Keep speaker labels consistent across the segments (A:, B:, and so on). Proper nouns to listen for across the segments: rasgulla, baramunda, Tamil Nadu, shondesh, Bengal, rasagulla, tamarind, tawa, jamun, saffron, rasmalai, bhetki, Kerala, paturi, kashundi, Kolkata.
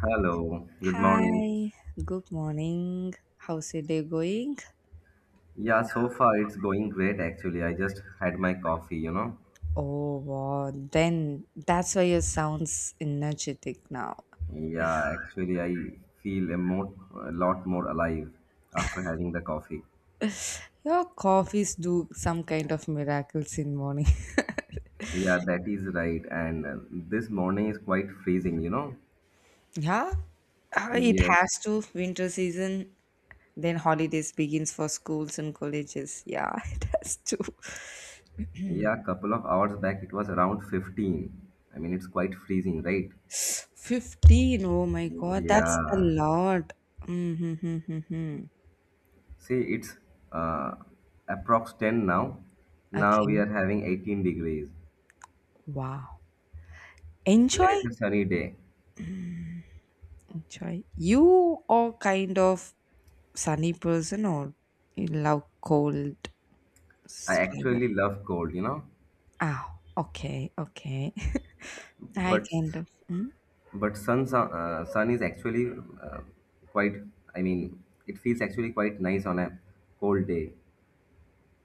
A: Hello, good morning.
B: Hi, good morning. How's your day going?
A: Yeah, so far it's going great actually. I just had my coffee, you know.
B: Oh, wow. Then that's why your sounds energetic now.
A: Yeah, actually I feel a lot more alive after having the coffee.
B: Your coffees do some kind of miracles in morning.
A: Yeah, that is right. And This morning is quite freezing, you know.
B: Yeah, it
A: Yes.
B: has to. Winter season, then holidays begins for schools and colleges. Yeah, it has to.
A: Yeah, couple of hours back it was around 15. I mean, it's quite freezing, right?
B: 15. Oh my God, that's a
A: Yeah.
B: lot. Mm-hmm.
A: See, it's uh, approx 10 now. Now we
B: Okay.
A: are having 18 degrees.
B: Wow.
A: Even
B: Enjoy
A: it's a sunny day.
B: Chai. You are kind of sunny person or you love cold
A: I
B: climate?
A: actually love cold, you know,
B: Ah, okay, okay. I
A: but
B: kind of. Mm?
A: sun is actually uh, quite. I mean, it feels actually quite nice on a cold day.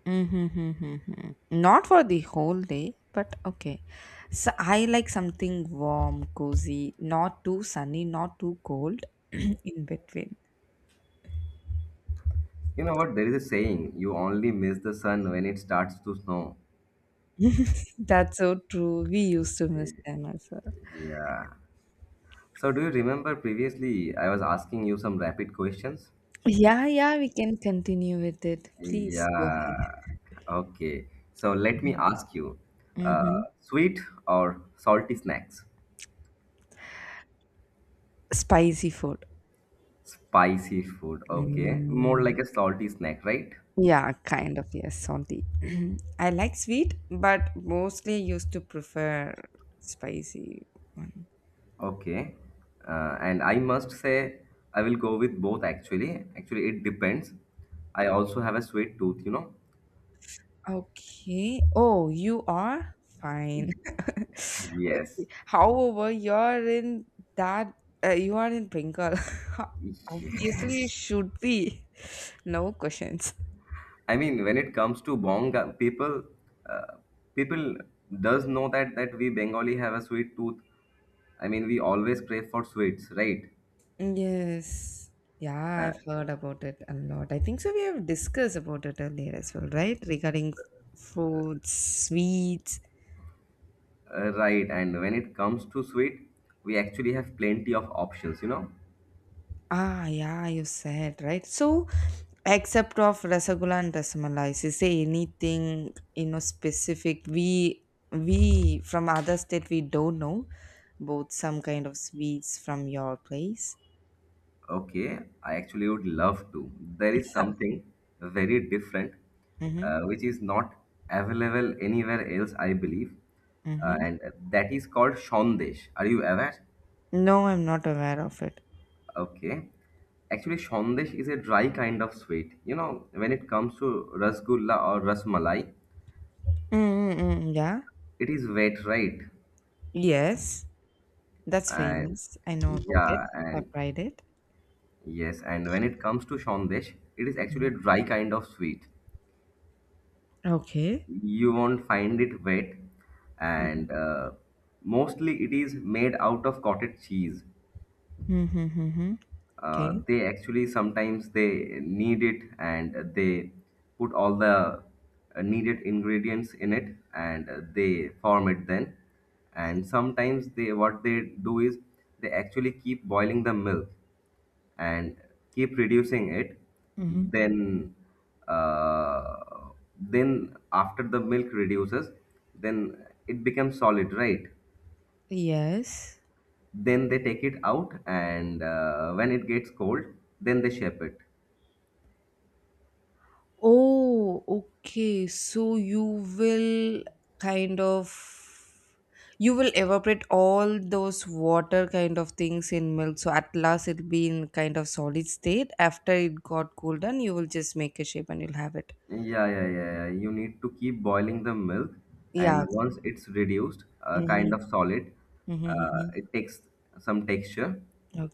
B: Mm-hmm, not for the whole day, but okay. So I like something warm, cozy, not too sunny, not too cold in between.
A: You know what? There is a saying: you only miss the sun when it starts to snow.
B: That's so true. We used to miss them as well.
A: Yeah. So, do you remember previously I was asking you some rapid questions?
B: Yeah, yeah, we can continue with it. Please go ahead.
A: Yeah. Okay. So let me ask you,
B: Mm-hmm.
A: sweet or salty snacks?
B: Spicy food.
A: Spicy food, okay. More
B: Mm,
A: like a salty snack, right?
B: yeah, kind of, yes, salty. I like sweet, but mostly used to prefer spicy one.
A: Okay. And I must say, I will go with both actually. Actually, it depends. I also have a sweet tooth, you know?
B: Okay. Oh, you are fine.
A: Yes.
B: However, you're in that, you are in Bengal. Obviously, you
A: Yes.
B: should be. No questions.
A: I mean, when it comes to Bonga, uh, people does know that we Bengali have a sweet tooth. I mean, we always crave for sweets, right?
B: Yes. Yeah, I've heard about it a lot. I think so. We have discussed about it earlier as well, right? Regarding foods, sweets.
A: Right. And when it comes to sweet, we actually have plenty of options, you know?
B: Ah, yeah, you said, right? So, except of rasagulla and rasmalai, is say anything, you know, specific we from other state we don't know both some kind of sweets from your place?
A: Okay, I actually would love to. There is
B: Okay.
A: something very different,
B: Mm-hmm.
A: which is not available anywhere else, I believe, uh,
B: Mm-hmm.
A: and that is called shondesh. Are you aware?
B: No, I'm not aware of it.
A: Okay. Actually, shondesh is a dry kind of sweet. You know, when it comes to rasgulla or rasmalai,
B: Mm-mm-mm, yeah.
A: it is wet, right?
B: Yes. That's
A: And
B: famous. I know about it.
A: yeah, and
B: I've tried it.
A: Yes, and when it comes to shondesh, it is actually a dry kind of sweet.
B: Okay.
A: You won't find it wet and mostly it is made out of cottage cheese.
B: Mm-hmm. Mm-hmm. Okay.
A: They actually sometimes they knead it and they put all the needed ingredients in it, and they form it. Then and sometimes they what they do is they actually keep boiling the milk and keep reducing it.
B: Mm-hmm.
A: Then uh, after the milk reduces, then it becomes solid, right?
B: Yes.
A: Then they take it out, and when it gets cold, then they shape it.
B: Oh, okay. So you will kind of you will evaporate all those water kind of things in milk. So at last it'll be in kind of solid state. After it got cooled down, you will just make a shape and you'll have it.
A: Yeah. You need to keep boiling the milk, and
B: Yeah.
A: once it's reduced, kind
B: Mm-hmm.
A: of solid,
B: Mm-hmm.
A: it takes some texture.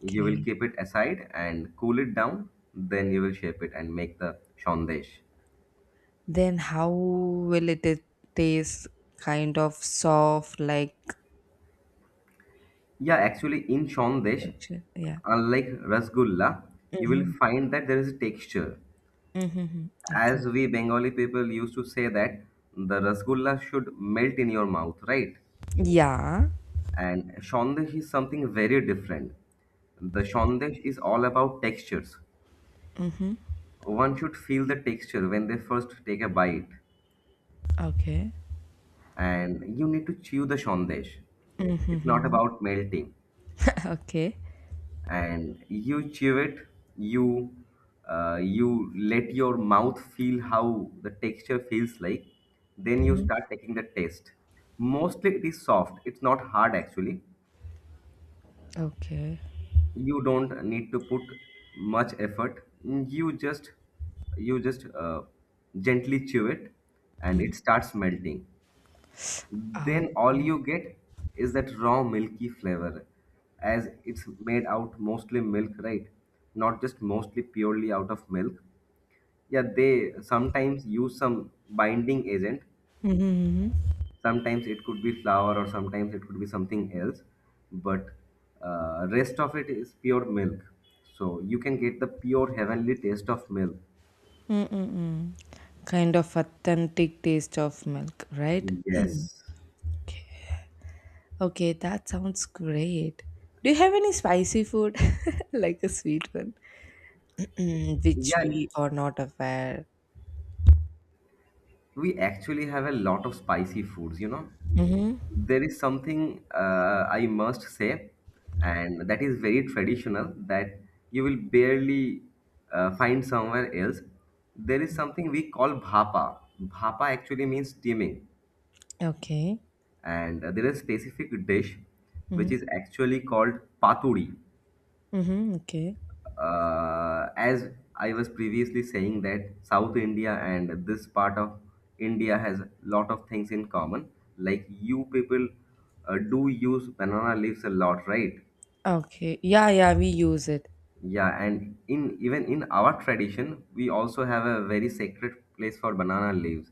A: You will keep it aside and cool it down, then you will shape it and make the shondesh.
B: Then how will it taste kind of soft like
A: Yeah, actually, in shondesh,
B: texture? Yeah.
A: unlike rasgulla, you will
B: Mm-hmm.
A: find that there is a texture.
B: Mm-hmm.
A: As
B: Okay.
A: we Bengali people used to say that the rasgulla should melt in your mouth, right?
B: Yeah.
A: And shondesh is something very different. The shondesh is all about textures.
B: Mm-hmm.
A: One should feel the texture when they first take a bite,
B: Okay.
A: and you need to chew the shondesh. It's not
B: Mm-hmm.
A: about melting.
B: Okay.
A: And you chew it, you you let your mouth feel how the texture feels like, then you
B: Mm-hmm.
A: start taking the taste. Mostly it is soft, it's not hard actually.
B: Okay.
A: You don't need to put much effort, you just gently chew it, and it starts melting.
B: Oh.
A: Then all you get is that raw milky flavor, as it's made out mostly milk, right? Not just mostly, purely out of milk. Yeah, they sometimes use some binding agent.
B: Mm-hmm.
A: Sometimes it could be flour or sometimes it could be something else, but rest of it is pure milk. So you can get the pure heavenly taste of milk.
B: Mm-mm-mm. Kind of authentic taste of milk, right?
A: Yes.
B: Okay, that sounds great. Do you have any spicy food, like a sweet one, Mm, which
A: Yeah,
B: we are not aware?
A: we actually have a lot of spicy foods, you know.
B: Mm-hmm.
A: There is something I must say, and that is very traditional, that you will barely find somewhere else. There is something we call bhapa. Bhapa actually means steaming,
B: Okay.
A: and there is a specific dish which
B: Mhm.
A: is actually called paturi.
B: Mhm, okay.
A: As I was previously saying that South India and this part of India has lot of things in common. Like you people do use banana leaves a lot, right?
B: Okay. Yeah, yeah, we use it.
A: Yeah, and in even in our tradition, we also have a very sacred place for banana leaves.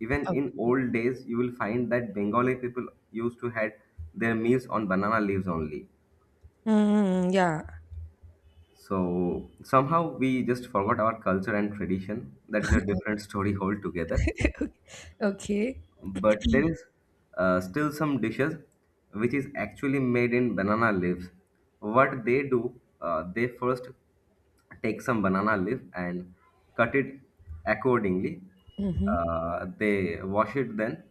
A: Even
B: Oh.
A: in old days, you will find that Bengali people used to had their meals on banana leaves only.
B: Mm, yeah.
A: So somehow we just forgot our culture and tradition. That is a different story altogether.
B: Okay.
A: But there is still some dishes which is actually made in banana leaves. What they do, they first take some banana leaf and cut it accordingly.
B: Mhm.
A: They wash it then.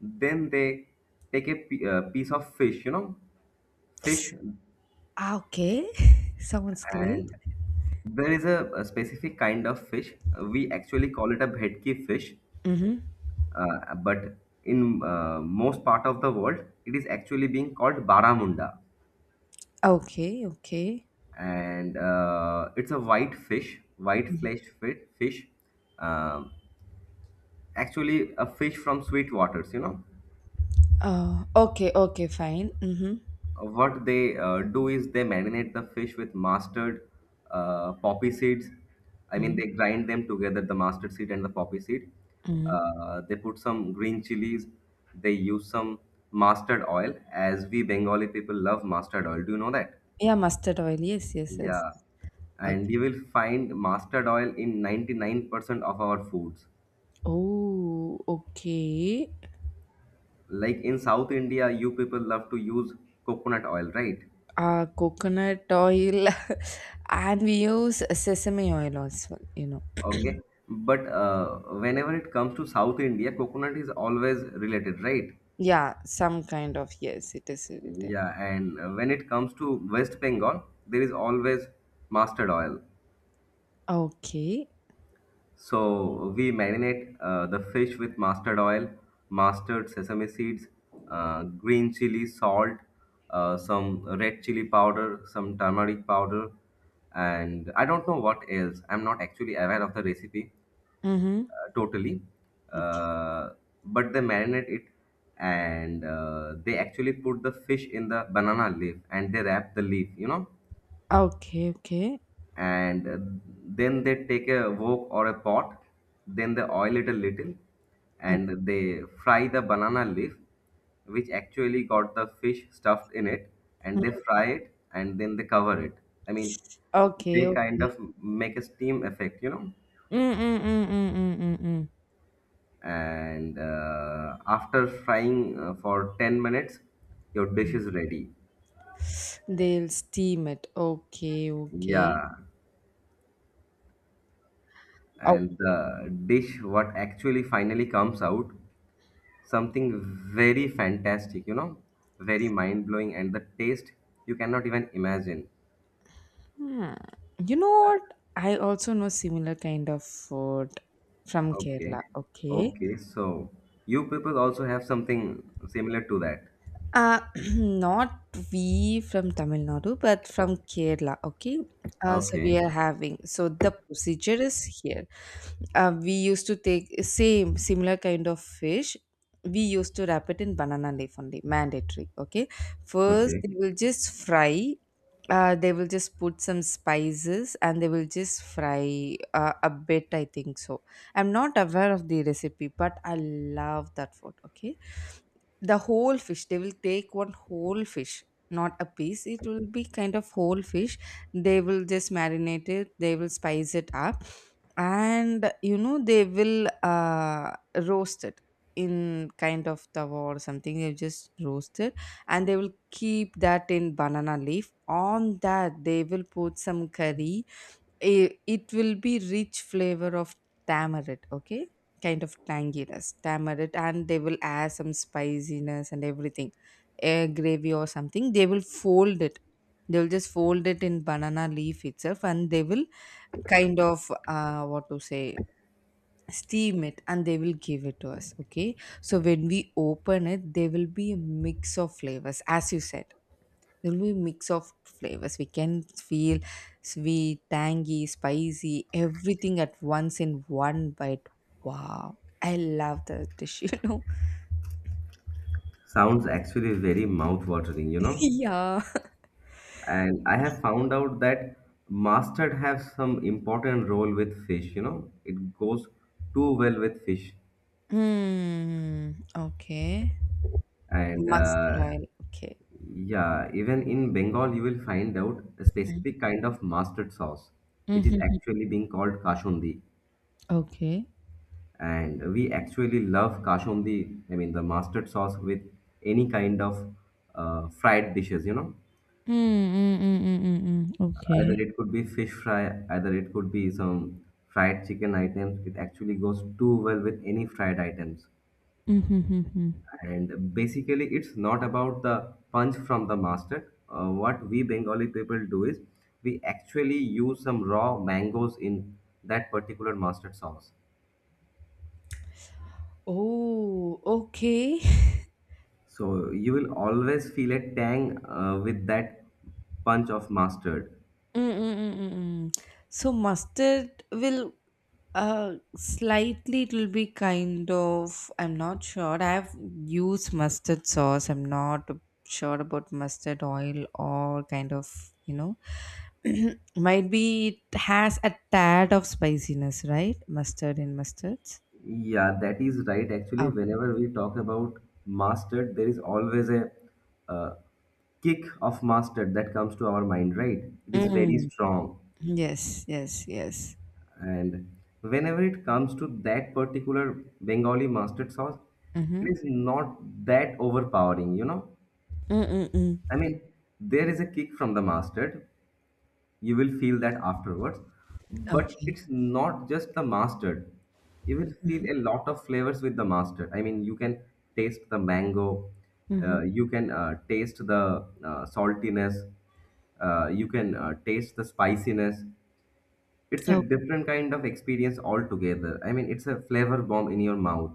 A: Then they take a piece of fish, you know, fish.
B: Ah, okay. Sounds great.
A: And there is a specific kind of fish. We actually call it a bhetki fish,
B: Mhm.
A: but in most part of the world, it is actually being called baramunda,
B: Okay, okay.
A: and it's a white fish, white
B: Mhm.
A: fish. Um Actually, a fish from sweet waters, you know.
B: Okay, okay, fine. Mhm.
A: What they do is they marinate the fish with mustard, poppy seeds. I mean,
B: Mhm.
A: they grind them together, the mustard seed and the poppy seed.
B: Mhm.
A: They put some green chilies. They use some mustard oil, as we Bengali people love mustard oil. Do you know that?
B: Yeah, mustard oil. Yes, yes, yes.
A: Yeah. And you
B: Okay.
A: will find mustard oil in 99% of our foods.
B: Oh, okay.
A: Like in South India, you people love to use coconut oil, right?
B: Coconut oil, and we use sesame oil also, you know.
A: Okay, but whenever it comes to South India, coconut is always related, right?
B: Yeah, some kind of, yes, it is. It is.
A: Yeah, and when it comes to West Bengal, there is always mustard oil.
B: Okay.
A: So we marinate the fish with mustard oil, mustard, sesame seeds, green chili, salt, some red chili powder, some turmeric powder, and I don't know what else. I'm not actually aware of the recipe,
B: Mhm.
A: totally. Uh, but they marinate it, and they actually put the fish in the banana leaf and they wrap the leaf, you know.
B: Okay, okay.
A: And Then they take a wok or a pot, then they oil it a little
B: Ok
A: and they fry the banana leaf, which actually got the fish stuffed in it, and they fry it and then they cover it. I mean,
B: okay,
A: they kind
B: okay.
A: of make a steam effect, you know.
B: Mm, mm, mm, mm, mm, mm, mm.
A: And After frying for 10 minutes, your dish is ready.
B: They'll steam it. Okay, okay.
A: Yeah.
B: Oh.
A: And the dish what actually finally comes out, something very fantastic, you know, very mind blowing, and the taste you cannot even imagine.
B: Hmm. You know what? I also know similar kind of food from
A: Okay.
B: Kerala. Okay.
A: Okay, so you people also have something similar to that.
B: Uh, not we from Tamil Nadu, but from Kerala. Okay. So we
A: Okay.
B: are having. So the procedure is here. We used to take same similar kind of fish. We used to wrap it in banana leaf only, mandatory. Okay. First,
A: Okay,
B: they will just fry. They will just put some spices and they will just fry a bit. I think so. I'm not aware of the recipe, but I love that food. Okay, the whole fish they will take one whole fish, not a piece, it will be kind of whole fish. They will just marinate it, they will spice it up, and you know they will roast it in kind of tawa or something, they just roast it and they will keep that in banana leaf, on that they will put some curry. It will be rich flavor of tamarind, okay, kind of tanginess tamarind, and they will add some spiciness and everything, air gravy or something, they will fold it. They will just fold it in banana leaf itself and they will kind of what to say, steam it and they will give it to us. Okay, so when we open it, there will be a mix of flavors, as you said, there will be mix of flavors, we can feel sweet, tangy, spicy, everything at once in one bite. Wow, I love the dish. You know,
A: sounds actually very mouth watering, you know.
B: yeah.
A: And I have found out that mustard has some important role with fish, you know, it goes too well with fish.
B: Hmm. Okay.
A: And
B: Mustard oil, okay.
A: Yeah, even in Bengal, you will find out a specific kind of mustard sauce, which is
B: Mm-hmm.
A: actually being called kashundi.
B: Okay.
A: And we actually love kashundi, I mean, the mustard sauce with any kind of fried dishes, you know.
B: Mm-hmm.
A: Either
B: Okay.
A: it could be fish fry, either it could be some fried chicken items. It actually goes too well with any fried items.
B: Mm-hmm.
A: And basically, it's not about the punch from the master. What we Bengali people do is we actually use some raw mangoes in that particular mustard sauce.
B: Oh, okay.
A: So you will always feel a tang with that punch of mustard.
B: Mm, mm, mm, mm, mm. So mustard will slightly it will be kind of I'm not sure. I've used mustard sauce. I'm not sure about mustard oil or kind of, you know, might be it has a tad of spiciness, right? Mustard in mustards.
A: Yeah, that is right. Actually,
B: Okay.
A: whenever we talk about mastered, there is always a uh, kick of mastered that comes to our mind, right? It is very
B: Mm.
A: strong.
B: Yes, yes, yes.
A: And whenever it comes to that particular Bengali mustard sauce, it
B: Mm-hmm.
A: is not that overpowering, you know?
B: Mm-mm-mm.
A: I mean, there is a kick from the mustard, you will feel that afterwards, but
B: Okay.
A: it's not just the mustard. You will feel
B: Mm-hmm.
A: a lot of flavors with the mustard. I mean, you can taste the mango,
B: Mm-hmm.
A: you can taste the saltiness, you can taste the spiciness. It's a different kind of experience altogether. I mean, it's a flavor bomb in your mouth.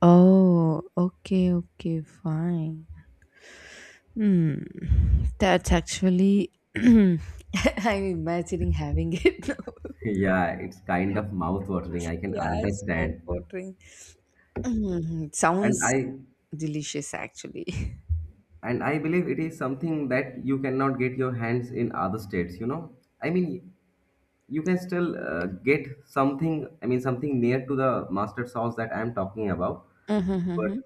B: Oh, okay, okay, fine. Hmm, that's actually I'm imagining having it now.
A: Yeah, it's kind of mouth watering, I can
B: Yeah, it's
A: understand.
B: mouth-watering. Mhm, it
A: and
B: sounds
A: i
B: delicious, actually.
A: and i believe it is something that you cannot get your hands in other states, you know. I mean, you can still get something, I mean something near to the mustard sauce that I am talking about, but
B: Mhm,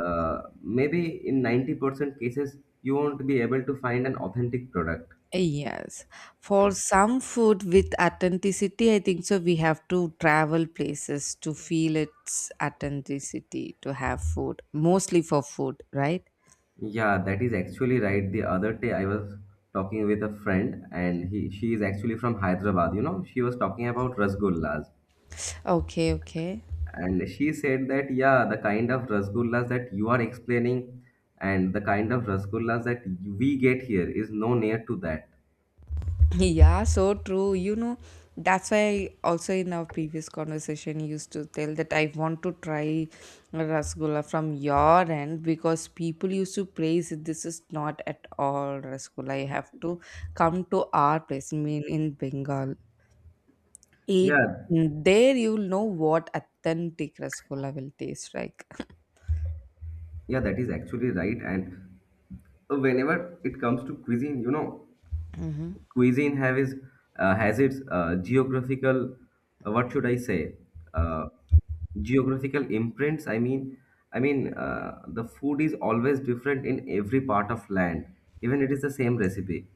A: maybe in 90% cases you won't be able to find an authentic product.
B: yes. For some food with authenticity, I think so we have to travel places to feel its authenticity to have food, mostly for food, right?
A: Yeah, that is actually right. The other day I was talking with a friend, and he she is actually from Hyderabad, you know. She was talking about rasgullas.
B: Okay, okay.
A: And she said that, yeah, the kind of rasgullas that you are explaining and the kind of rasgullas that we get here is no near to that.
B: Yeah, so true. You know, that's why also in our previous conversation you used to tell that I want to try rasgulla from your end because people used to praise it. This is not at all rasgulla. You have to come to our place, I mean in Bengal. It
A: Yeah,
B: mm, there, you'll know what authentic rasgulla will taste like.
A: yeah, that is actually right. And whenever it comes to cuisine, you know,
B: Hmm.
A: cuisine have is has its geographical, what should I say, uh, geographical imprints. I mean, the food is always different in every part of land, even it is the same recipe.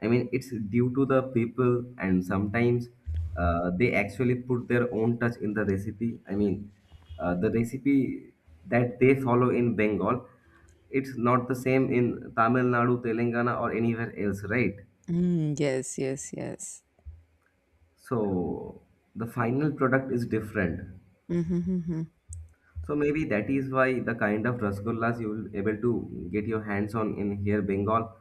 A: I mean, it's due to the people, and sometimes they actually put their own touch in the recipe. The recipe that they follow in Bengal, it's not the same in Tamil Nadu, Telangana, or anywhere else, right?
B: Mm, yes, yes, yes.
A: So the final product is different. So maybe that is why the kind of rasgullas you will able to get your hands on in here Bengal,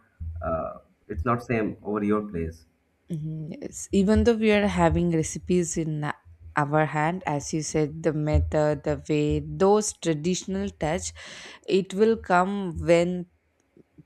A: uh, it's not same over your place.
B: Mhm, yes. Even though we are having recipes in our hand, as you said, the method, the way, those traditional touch, it will come when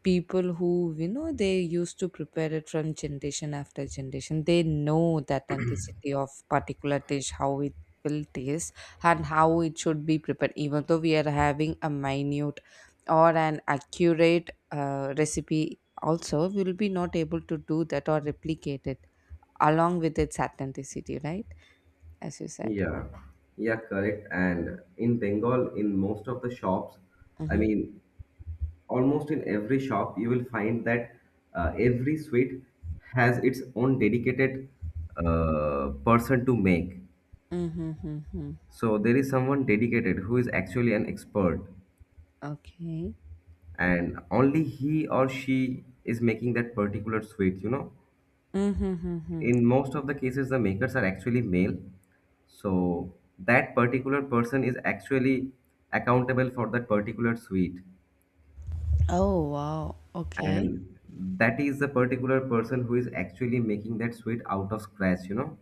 B: people who, you know, they used to prepare it from generation after generation. They know the authenticity of particular dish, how it will taste, and how it should be prepared. Even though we are having a minute or an accurate recipe, also we will be not able to do that or replicate it along with its authenticity, right? As you said.
A: Yeah, yeah, correct. And in Bengal, in most of the shops, I
B: Mm-hmm.
A: mean, almost in every shop, you will find that every sweet has its own dedicated person to make.
B: Mm-hmm. Mm-hmm.
A: So there is someone dedicated who is actually an expert,
B: Okay.
A: and only he or she is making that particular sweet, you know.
B: Mm-hmm.
A: In most of the cases the makers are actually male, so that particular person is actually accountable for that particular sweet,
B: Oh wow. Okay.
A: and that is the particular person who is actually making that sweet out of scratch, you know.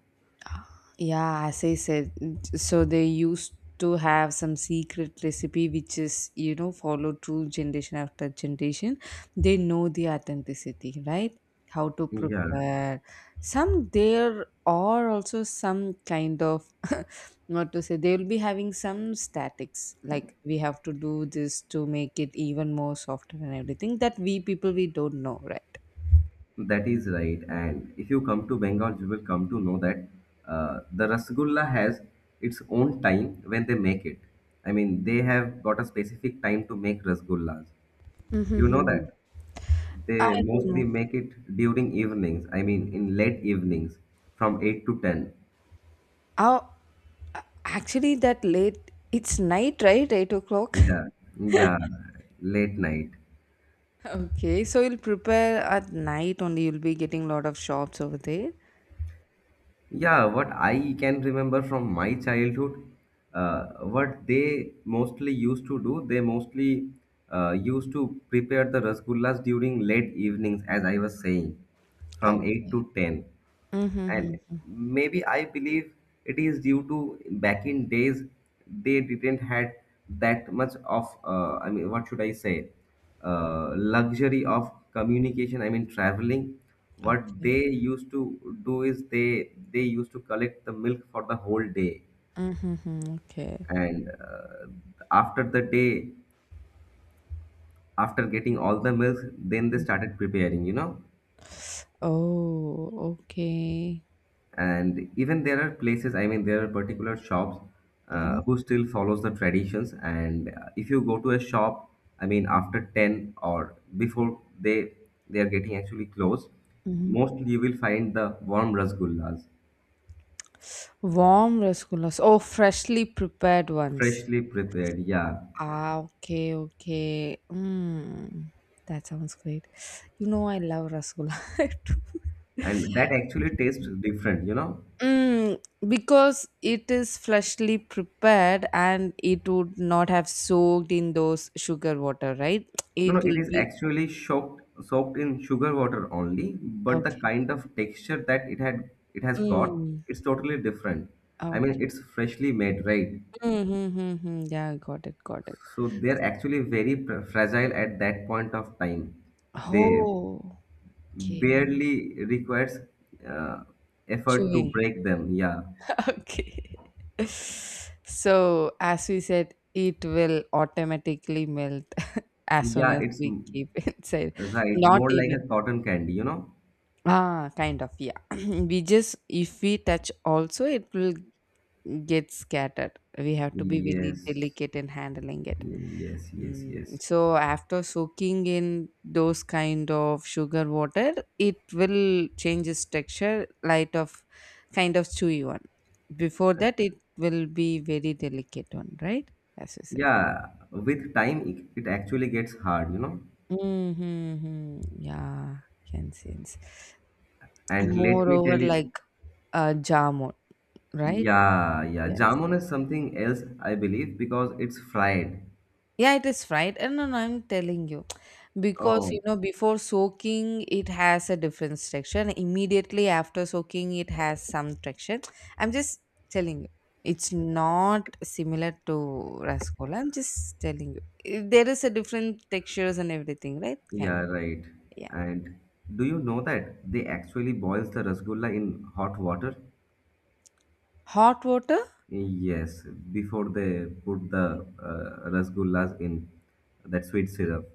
B: Yeah, as I said, so they used to have some secret recipe which is you know followed through generation after generation. They know the authenticity, right? How to
A: Yeah,
B: prepare. Some there are also some kind of not to say they will be having some statics like we have to do this to make it even more softer and everything that we people we don't know, right?
A: that is right. And if you come to Bengal, you will come to know that the rasgulla has its own time when they make it. I mean, they have got a specific time to make rasgullas, you know
B: Mm-hmm.
A: that. They
B: I don't
A: mostly
B: know.
A: make it during evenings. I mean, in late evenings, from 8 to 10.
B: How actually, that late, it's night, right? 8 o'clock.
A: Yeah, yeah, late night.
B: Okay, so you'll prepare at night only. You'll be getting a lot of shops over there.
A: Yeah, what I can remember from my childhood, uh, what they mostly used to do, they mostly used to prepare the rasgullas during late evenings, as I was saying, from 8
B: Okay.
A: to 10. And
B: Mm-hmm.
A: maybe I believe it is due to, back in days they didn't had that much of I mean, what should I say, luxury of communication, I mean traveling. What
B: Okay.
A: they used to do is, they used to collect the milk for the whole day,
B: Mm-hmm. Okay.
A: and after the day, after getting all the milk, then they started preparing, you know.
B: Oh, okay.
A: And even there are places, I mean there are particular shops, who still follows the traditions. And if you go to a shop, I mean after 10 or before they are getting actually closed,
B: Mm-hmm.
A: mostly you will find the warm rasgullas
B: Warm rasgullas. Oh, freshly prepared ones.
A: freshly prepared, yeah.
B: Ah, okay, okay. Mm, that sounds great. You know, I love rasgulla too.
A: And that actually tastes different, you know.
B: Mm, because it is freshly prepared and it would not have soaked in those sugar water, right?
A: No, no,
B: It
A: it
B: will
A: is
B: be
A: actually soaked, soaked in sugar water only, but the
B: okay.
A: kind of texture that it has got,
B: Mm,
A: it's totally different. I mean,
B: okay.
A: it's freshly made, right?
B: Mm-hmm, mm-hmm. Yeah, got it, got it.
A: So they're actually very fragile at that point of time. They
B: Oh, okay.
A: barely requires uh, effort to
B: Chewing.
A: break them. Yeah,
B: Okay. So, as we said, it will automatically melt as soon
A: yeah,
B: as
A: it's
B: we
A: m-
B: keep inside.
A: right,
B: Not
A: more like
B: even.
A: a cotton candy, you know?
B: Ah, kind of, yeah. We just, if we touch also, it will get scattered. We have to be really
A: Yes,
B: delicate in handling it.
A: yes, yes,
B: Mm,
A: yes.
B: so after soaking in those kind of sugar water, it will change its texture, light of kind of chewy one. Before that, it will be very delicate one, right? As you said.
A: Yeah, with time it actually gets hard, you know.
B: Mm-hmm. Yeah, can sense.
A: And let me
B: Moreover,
A: tell
B: like
A: you,
B: jamun, right?
A: yeah, yeah,
B: Yes.
A: jamun is something else, I believe, because it's fried.
B: Yeah, it is fried. And no, no, I'm telling you. Because,
A: Oh,
B: you know, before soaking, it has a different texture. And immediately after soaking, it has some texture. I'm just telling you. It's not similar to rasgulla. I'm just telling you. Eh, there is a different textures and everything, right? Kind
A: yeah,
B: of.
A: right.
B: Yeah.
A: And do you know that they actually boils the rasgulla in hot water?
B: Hot water?
A: Yes, before they put the rasgullas in that sweet syrup,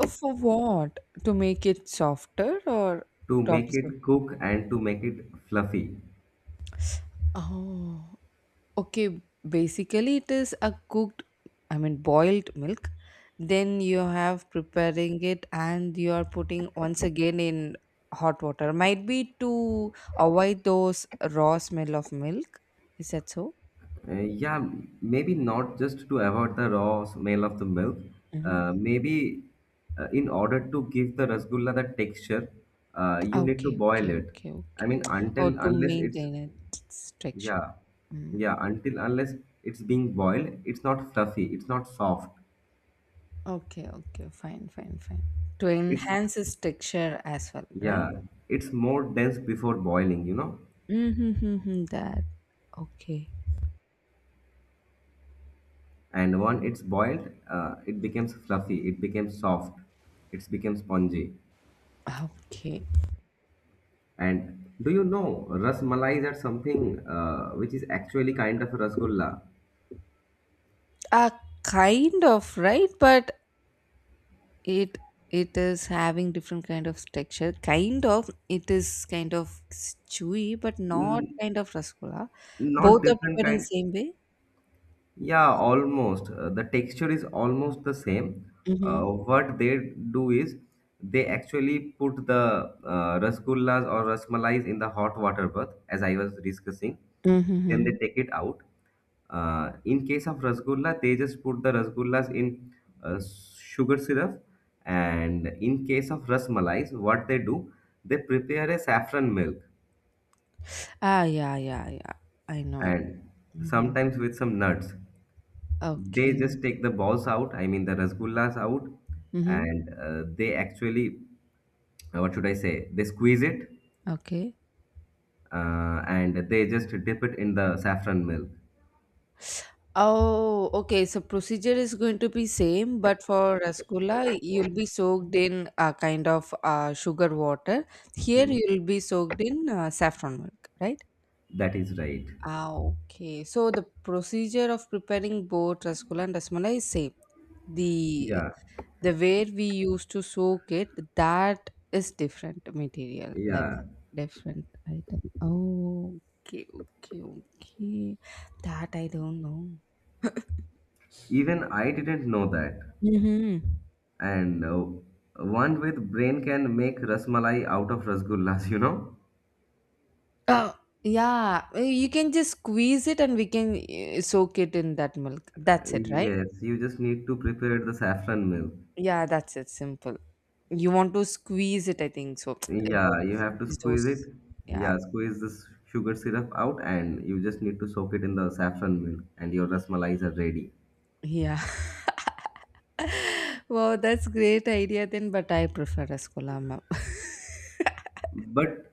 B: Oh, for what? To make it softer or
A: to
B: to
A: make
B: absorb?
A: it cook and to make it fluffy.
B: Oh. Okay, basically it is a cooked, I mean boiled milk. Then you have preparing it and you are putting once again in hot water. Might be to avoid those raw smell of milk. Is that so?
A: Yeah, maybe not just to avoid the raw smell of the milk.
B: Mm-hmm.
A: Maybe in order to give the rasgulla the texture, you need to
B: Okay,
A: boil
B: okay,
A: it.
B: okay,
A: I
B: okay.
A: mean, until
B: Or to
A: unless it's,
B: maintain its texture.
A: yeah,
B: Mm.
A: yeah, until unless it's being boiled, it's not fluffy, it's not soft.
B: Okay, okay, fine, fine, fine. To
A: It's
B: enhance its texture as well, right?
A: Yeah, it's more dense before boiling, you know.
B: Mm-hmm, that. Okay.
A: And when it's boiled, it becomes fluffy, it becomes soft, it becomes spongy.
B: Okay.
A: And do you know, Ras Malai is that something which is actually kind of a rasgulla,
B: uh, Kind of right but it it is having different kind of texture, kind of it is kind of chewy but not
A: N-
B: kind of rasgulla,
A: not
B: both are
A: different
B: prepared in
A: kind.
B: same way.
A: Yeah, almost. The texture is almost the same. Uh,
B: Mm-hmm.
A: what they do is they actually put the rasgullas or rasmalais in the hot water bath, as I was discussing.
B: Mm-hmm,
A: Then they
B: mm-hmm.
A: take it out. In case of rasgulla, they just put the rasgullas in uh, sugar syrup. And in case of rasmalais, what they do, they prepare a saffron milk
B: Ah, yeah, yeah, yeah, I know it.
A: and
B: Mm-hmm.
A: sometimes with some nuts. They
B: Okay.
A: just take the balls out, I mean the rasgullas out,
B: Mm-hmm.
A: and what should I say, they squeeze it,
B: Okay.
A: and they just dip it in the saffron milk.
B: Oh, okay. So procedure is going to be same, but for rasgulla, you'll be soaked in a kind of sugar water. Here,
A: Mhm.
B: you'll be soaked in saffron milk, right?
A: That is right.
B: Ah, okay. So the procedure of preparing both rasgulla and rasmalai is same. The
A: Yeah,
B: the way we used to soak it, that is different material, like
A: yeah.
B: different item. Oh, okay, okay, okay. That I don't know.
A: Even I didn't know that.
B: Mm-hmm.
A: And one with brain can make rasmalai out of rasgullas, you know?
B: Uh, yeah, you can just squeeze it and we can soak it in that milk. That's it, right?
A: Yes, you just need to prepare the saffron milk.
B: Yeah, that's it. Simple. You want to squeeze it, I think so. You want
A: Yeah,
B: to
A: you have to
B: squeeze
A: squeeze
B: those.
A: it.
B: Yeah,
A: Yeah, squeeze this sugar syrup out, and you just need to soak it in the saffron milk, and your rasmalai are ready.
B: yeah. Wow, that's great idea then, but I prefer rasgulla, ma'am.
A: But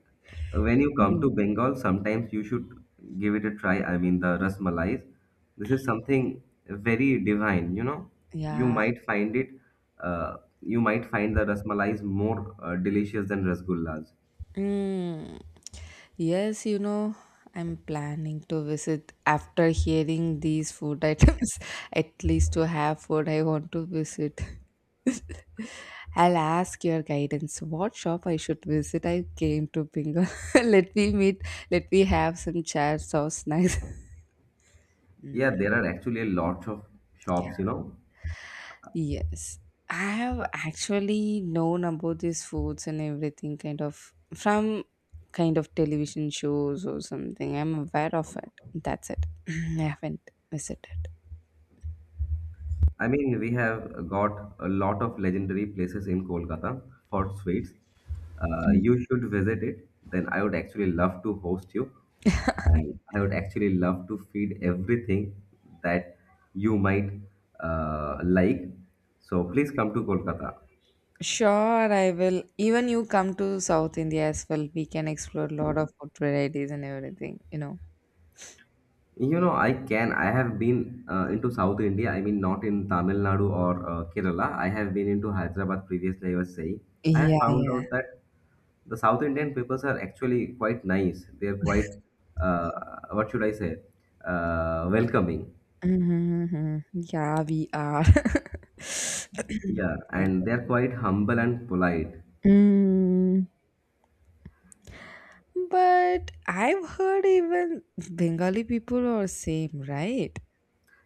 A: when you come
B: Mm.
A: to Bengal, sometimes you should give it a try. I mean, the rasmalai. This is something very divine. You know, you
B: Yeah.
A: might find it. You might find the rasmalai more delicious than rasgullas.
B: Mm. Yes, you know, I'm planning to visit after hearing these food items. At least to have food I want to visit. I'll ask your guidance. What shop I should visit? I came to Bengal. Let me meet. Let me have some chats or snacks.
A: Yeah,
B: Mm.
A: there are actually a lot of shops. You know,
B: Yes. I have actually known about these foods and everything kind of from kind of television shows or something. I'm aware of it. That's it. I haven't visited.
A: I mean, we have got a lot of legendary places in Kolkata for sweets. You should visit it. Then I would actually love to host you, and I would actually love to feed everything that you might like. So please come to Kolkata.
B: Sure, I will. Even you come to South India as well. We can explore a lot of food varieties and everything, you know.
A: You know, I can. I have been into South India. I mean, not in Tamil Nadu or Kerala. I have been into Hyderabad previously. I was saying, I have
B: Yeah,
A: found
B: yeah.
A: out that the South Indian peoples are actually quite nice. They are quite, uh, what should I say, welcoming.
B: Mm-hmm, mm-hmm. Yeah, we are.
A: Yeah,
B: Okay.
A: and they are quite humble and polite.
B: Mm. But I've heard even Bengali people are same, right?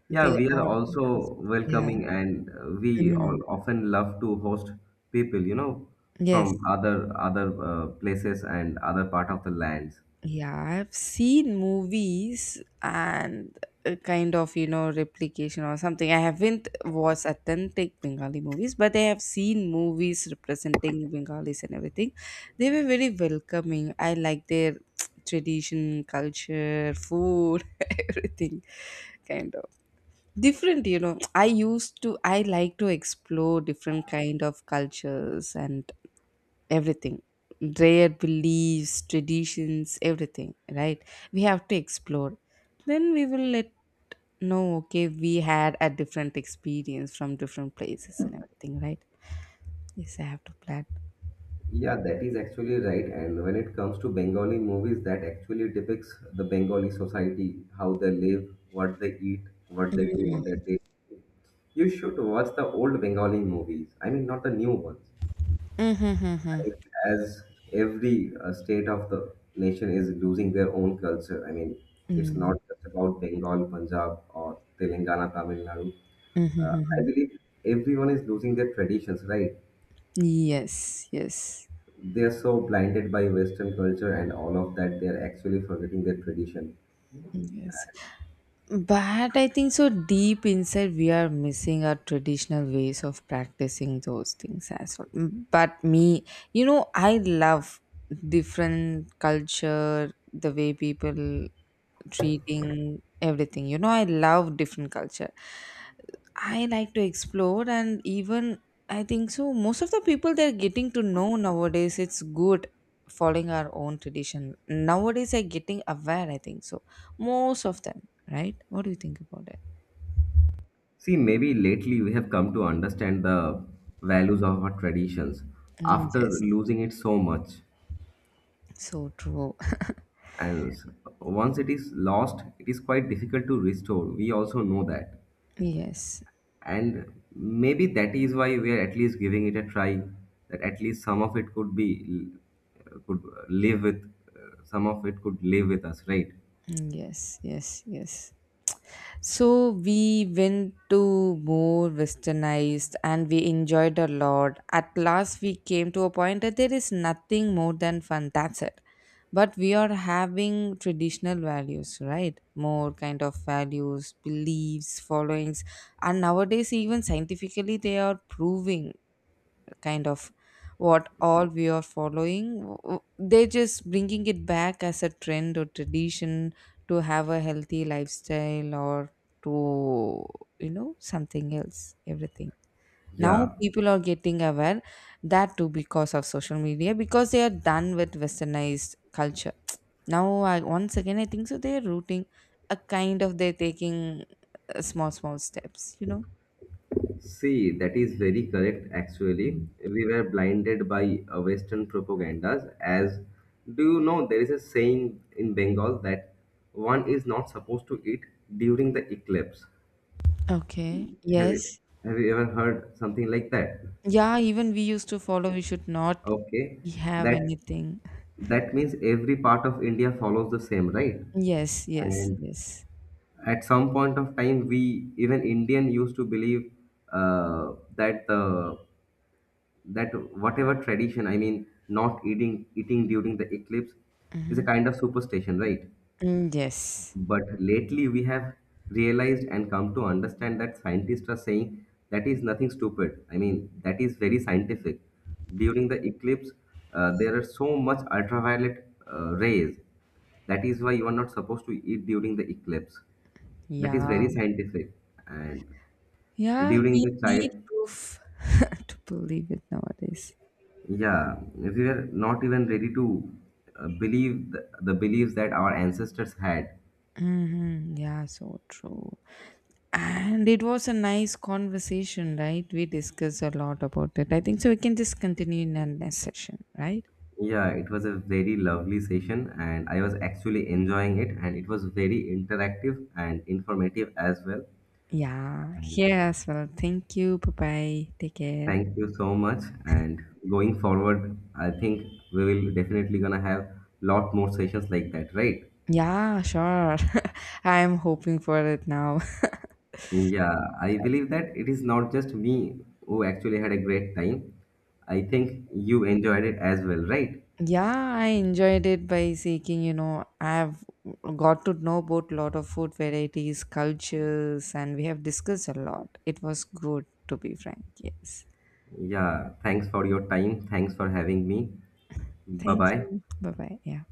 A: Yeah,
B: They
A: we are
B: are,
A: also
B: yeah.
A: welcoming, and we all
B: Mm.
A: often love to host people. You know,
B: Yes.
A: from other places and other part of the lands.
B: Yeah, I've seen movies and a kind of, you know, replication or something. I haven't watched authentic Bengali movies, but I have seen movies representing Bengalis and everything. They were very welcoming. I like their tradition, culture, food, everything, kind of. Different, you know, I like to explore different kind of cultures and everything, their beliefs, traditions, everything, right? We have to explore, then we will let know, okay, we had a different experience from different places and everything, right? Yes, I have to plan.
A: Yeah, that is actually right. And when it comes to Bengali movies, that actually depicts the Bengali society, how they live, what they eat, what they do on their day. You should watch the old Bengali movies. I mean, not the new ones.
B: Mm-hmm, mm-hmm.
A: Like, as every state of the nation is losing their own culture. I mean, it's not just about Bengal, Punjab, or Telangana, Tamil Nadu.
B: Mm-hmm,
A: I
B: mm-hmm.
A: believe everyone is losing their traditions, right?
B: Yes, yes,
A: They're so blinded by Western culture and all of that, they're actually forgetting their tradition.
B: yes. But I think so deep inside we are missing our traditional ways of practicing those things as well. Mm. But me, you know, I love different culture, the way people treating everything, you know, I love different culture. I like to explore, and even I think so most of the people, they're getting to know nowadays, it's good following our own tradition. Nowadays are getting aware, I think so, most of them, right? What do you think about it?
A: See, maybe lately we have come to understand the values of our traditions
B: Mm,
A: after
B: yes.
A: losing it so much.
B: So true.
A: And once it is lost, it is quite difficult to restore. We also know that.
B: Yes.
A: And maybe that is why we are at least giving it a try, that at least some of it could live with, some of it could live with us, right?
B: Mm, yes, yes, yes. So we went to more westernized and we enjoyed a lot. At last, we came to a point that there is nothing more than fun. That's it. But we are having traditional values, right? More kind of values, beliefs, followings, and nowadays, even scientifically, they are proving kind of what all we are following they're just bringing it back as a trend or tradition to have a healthy lifestyle or to, you know, something else, everything. Now
A: Yeah.
B: people are getting aware, that too because of social media, because they are done with westernized culture. Now I, once again, I think so they're rooting, a kind of they're taking small small steps, you know.
A: See, that is very correct actually.
B: Mm.
A: We were blinded by Western propagandas. As, do you know, there is a saying in Bengal that one is not supposed to eat during the eclipse.
B: Okay,
A: Have
B: yes.
A: you, have you ever heard something like that?
B: Yeah, even we used to follow, we should not
A: Okay,
B: have
A: that
B: anything.
A: that means every part of India follows the same, right?
B: Yes, yes,
A: And
B: yes.
A: at some point of time, we even Indian used to believe uh, that the that whatever tradition, I mean, not eating during the eclipse is a
B: Mm-hmm.
A: kind of superstition, right?
B: Mm, yes.
A: But lately we have realized and come to understand that scientists are saying that is nothing stupid. I mean, that is very scientific. During the eclipse, there are so much ultraviolet rays. That is why you are not supposed to eat during the eclipse. That is very
B: Yeah.
A: scientific. And
B: Yeah,
A: during
B: we
A: the child
B: need proof to believe it nowadays.
A: Yeah, we were not even ready to believe the beliefs that our ancestors had.
B: Mm-hmm. Yeah, so true. And it was a nice conversation, right? We discussed a lot about it. I think so. We can just continue in the next session, right?
A: Yeah, it was a very lovely session, and I was actually enjoying it, and it was very interactive and informative as well.
B: Yeah,
A: And
B: here as well. Thank you. Bye bye. Take care.
A: thank you so much. And going forward, I think we will definitely gonna have lot more sessions like that, right?
B: Yeah, sure. I'm hoping for it now.
A: Yeah, I believe that it is not just me who actually had a great time. I think you enjoyed it as well, right?
B: Yeah, I enjoyed it by seeking, you know, I've got to know about lot of food varieties, cultures, and we have discussed a lot. It was good to be frank. Yes.
A: Yeah, thanks for your time. Thanks for having me. Bye
B: Thank
A: bye.
B: you. Bye bye. Yeah.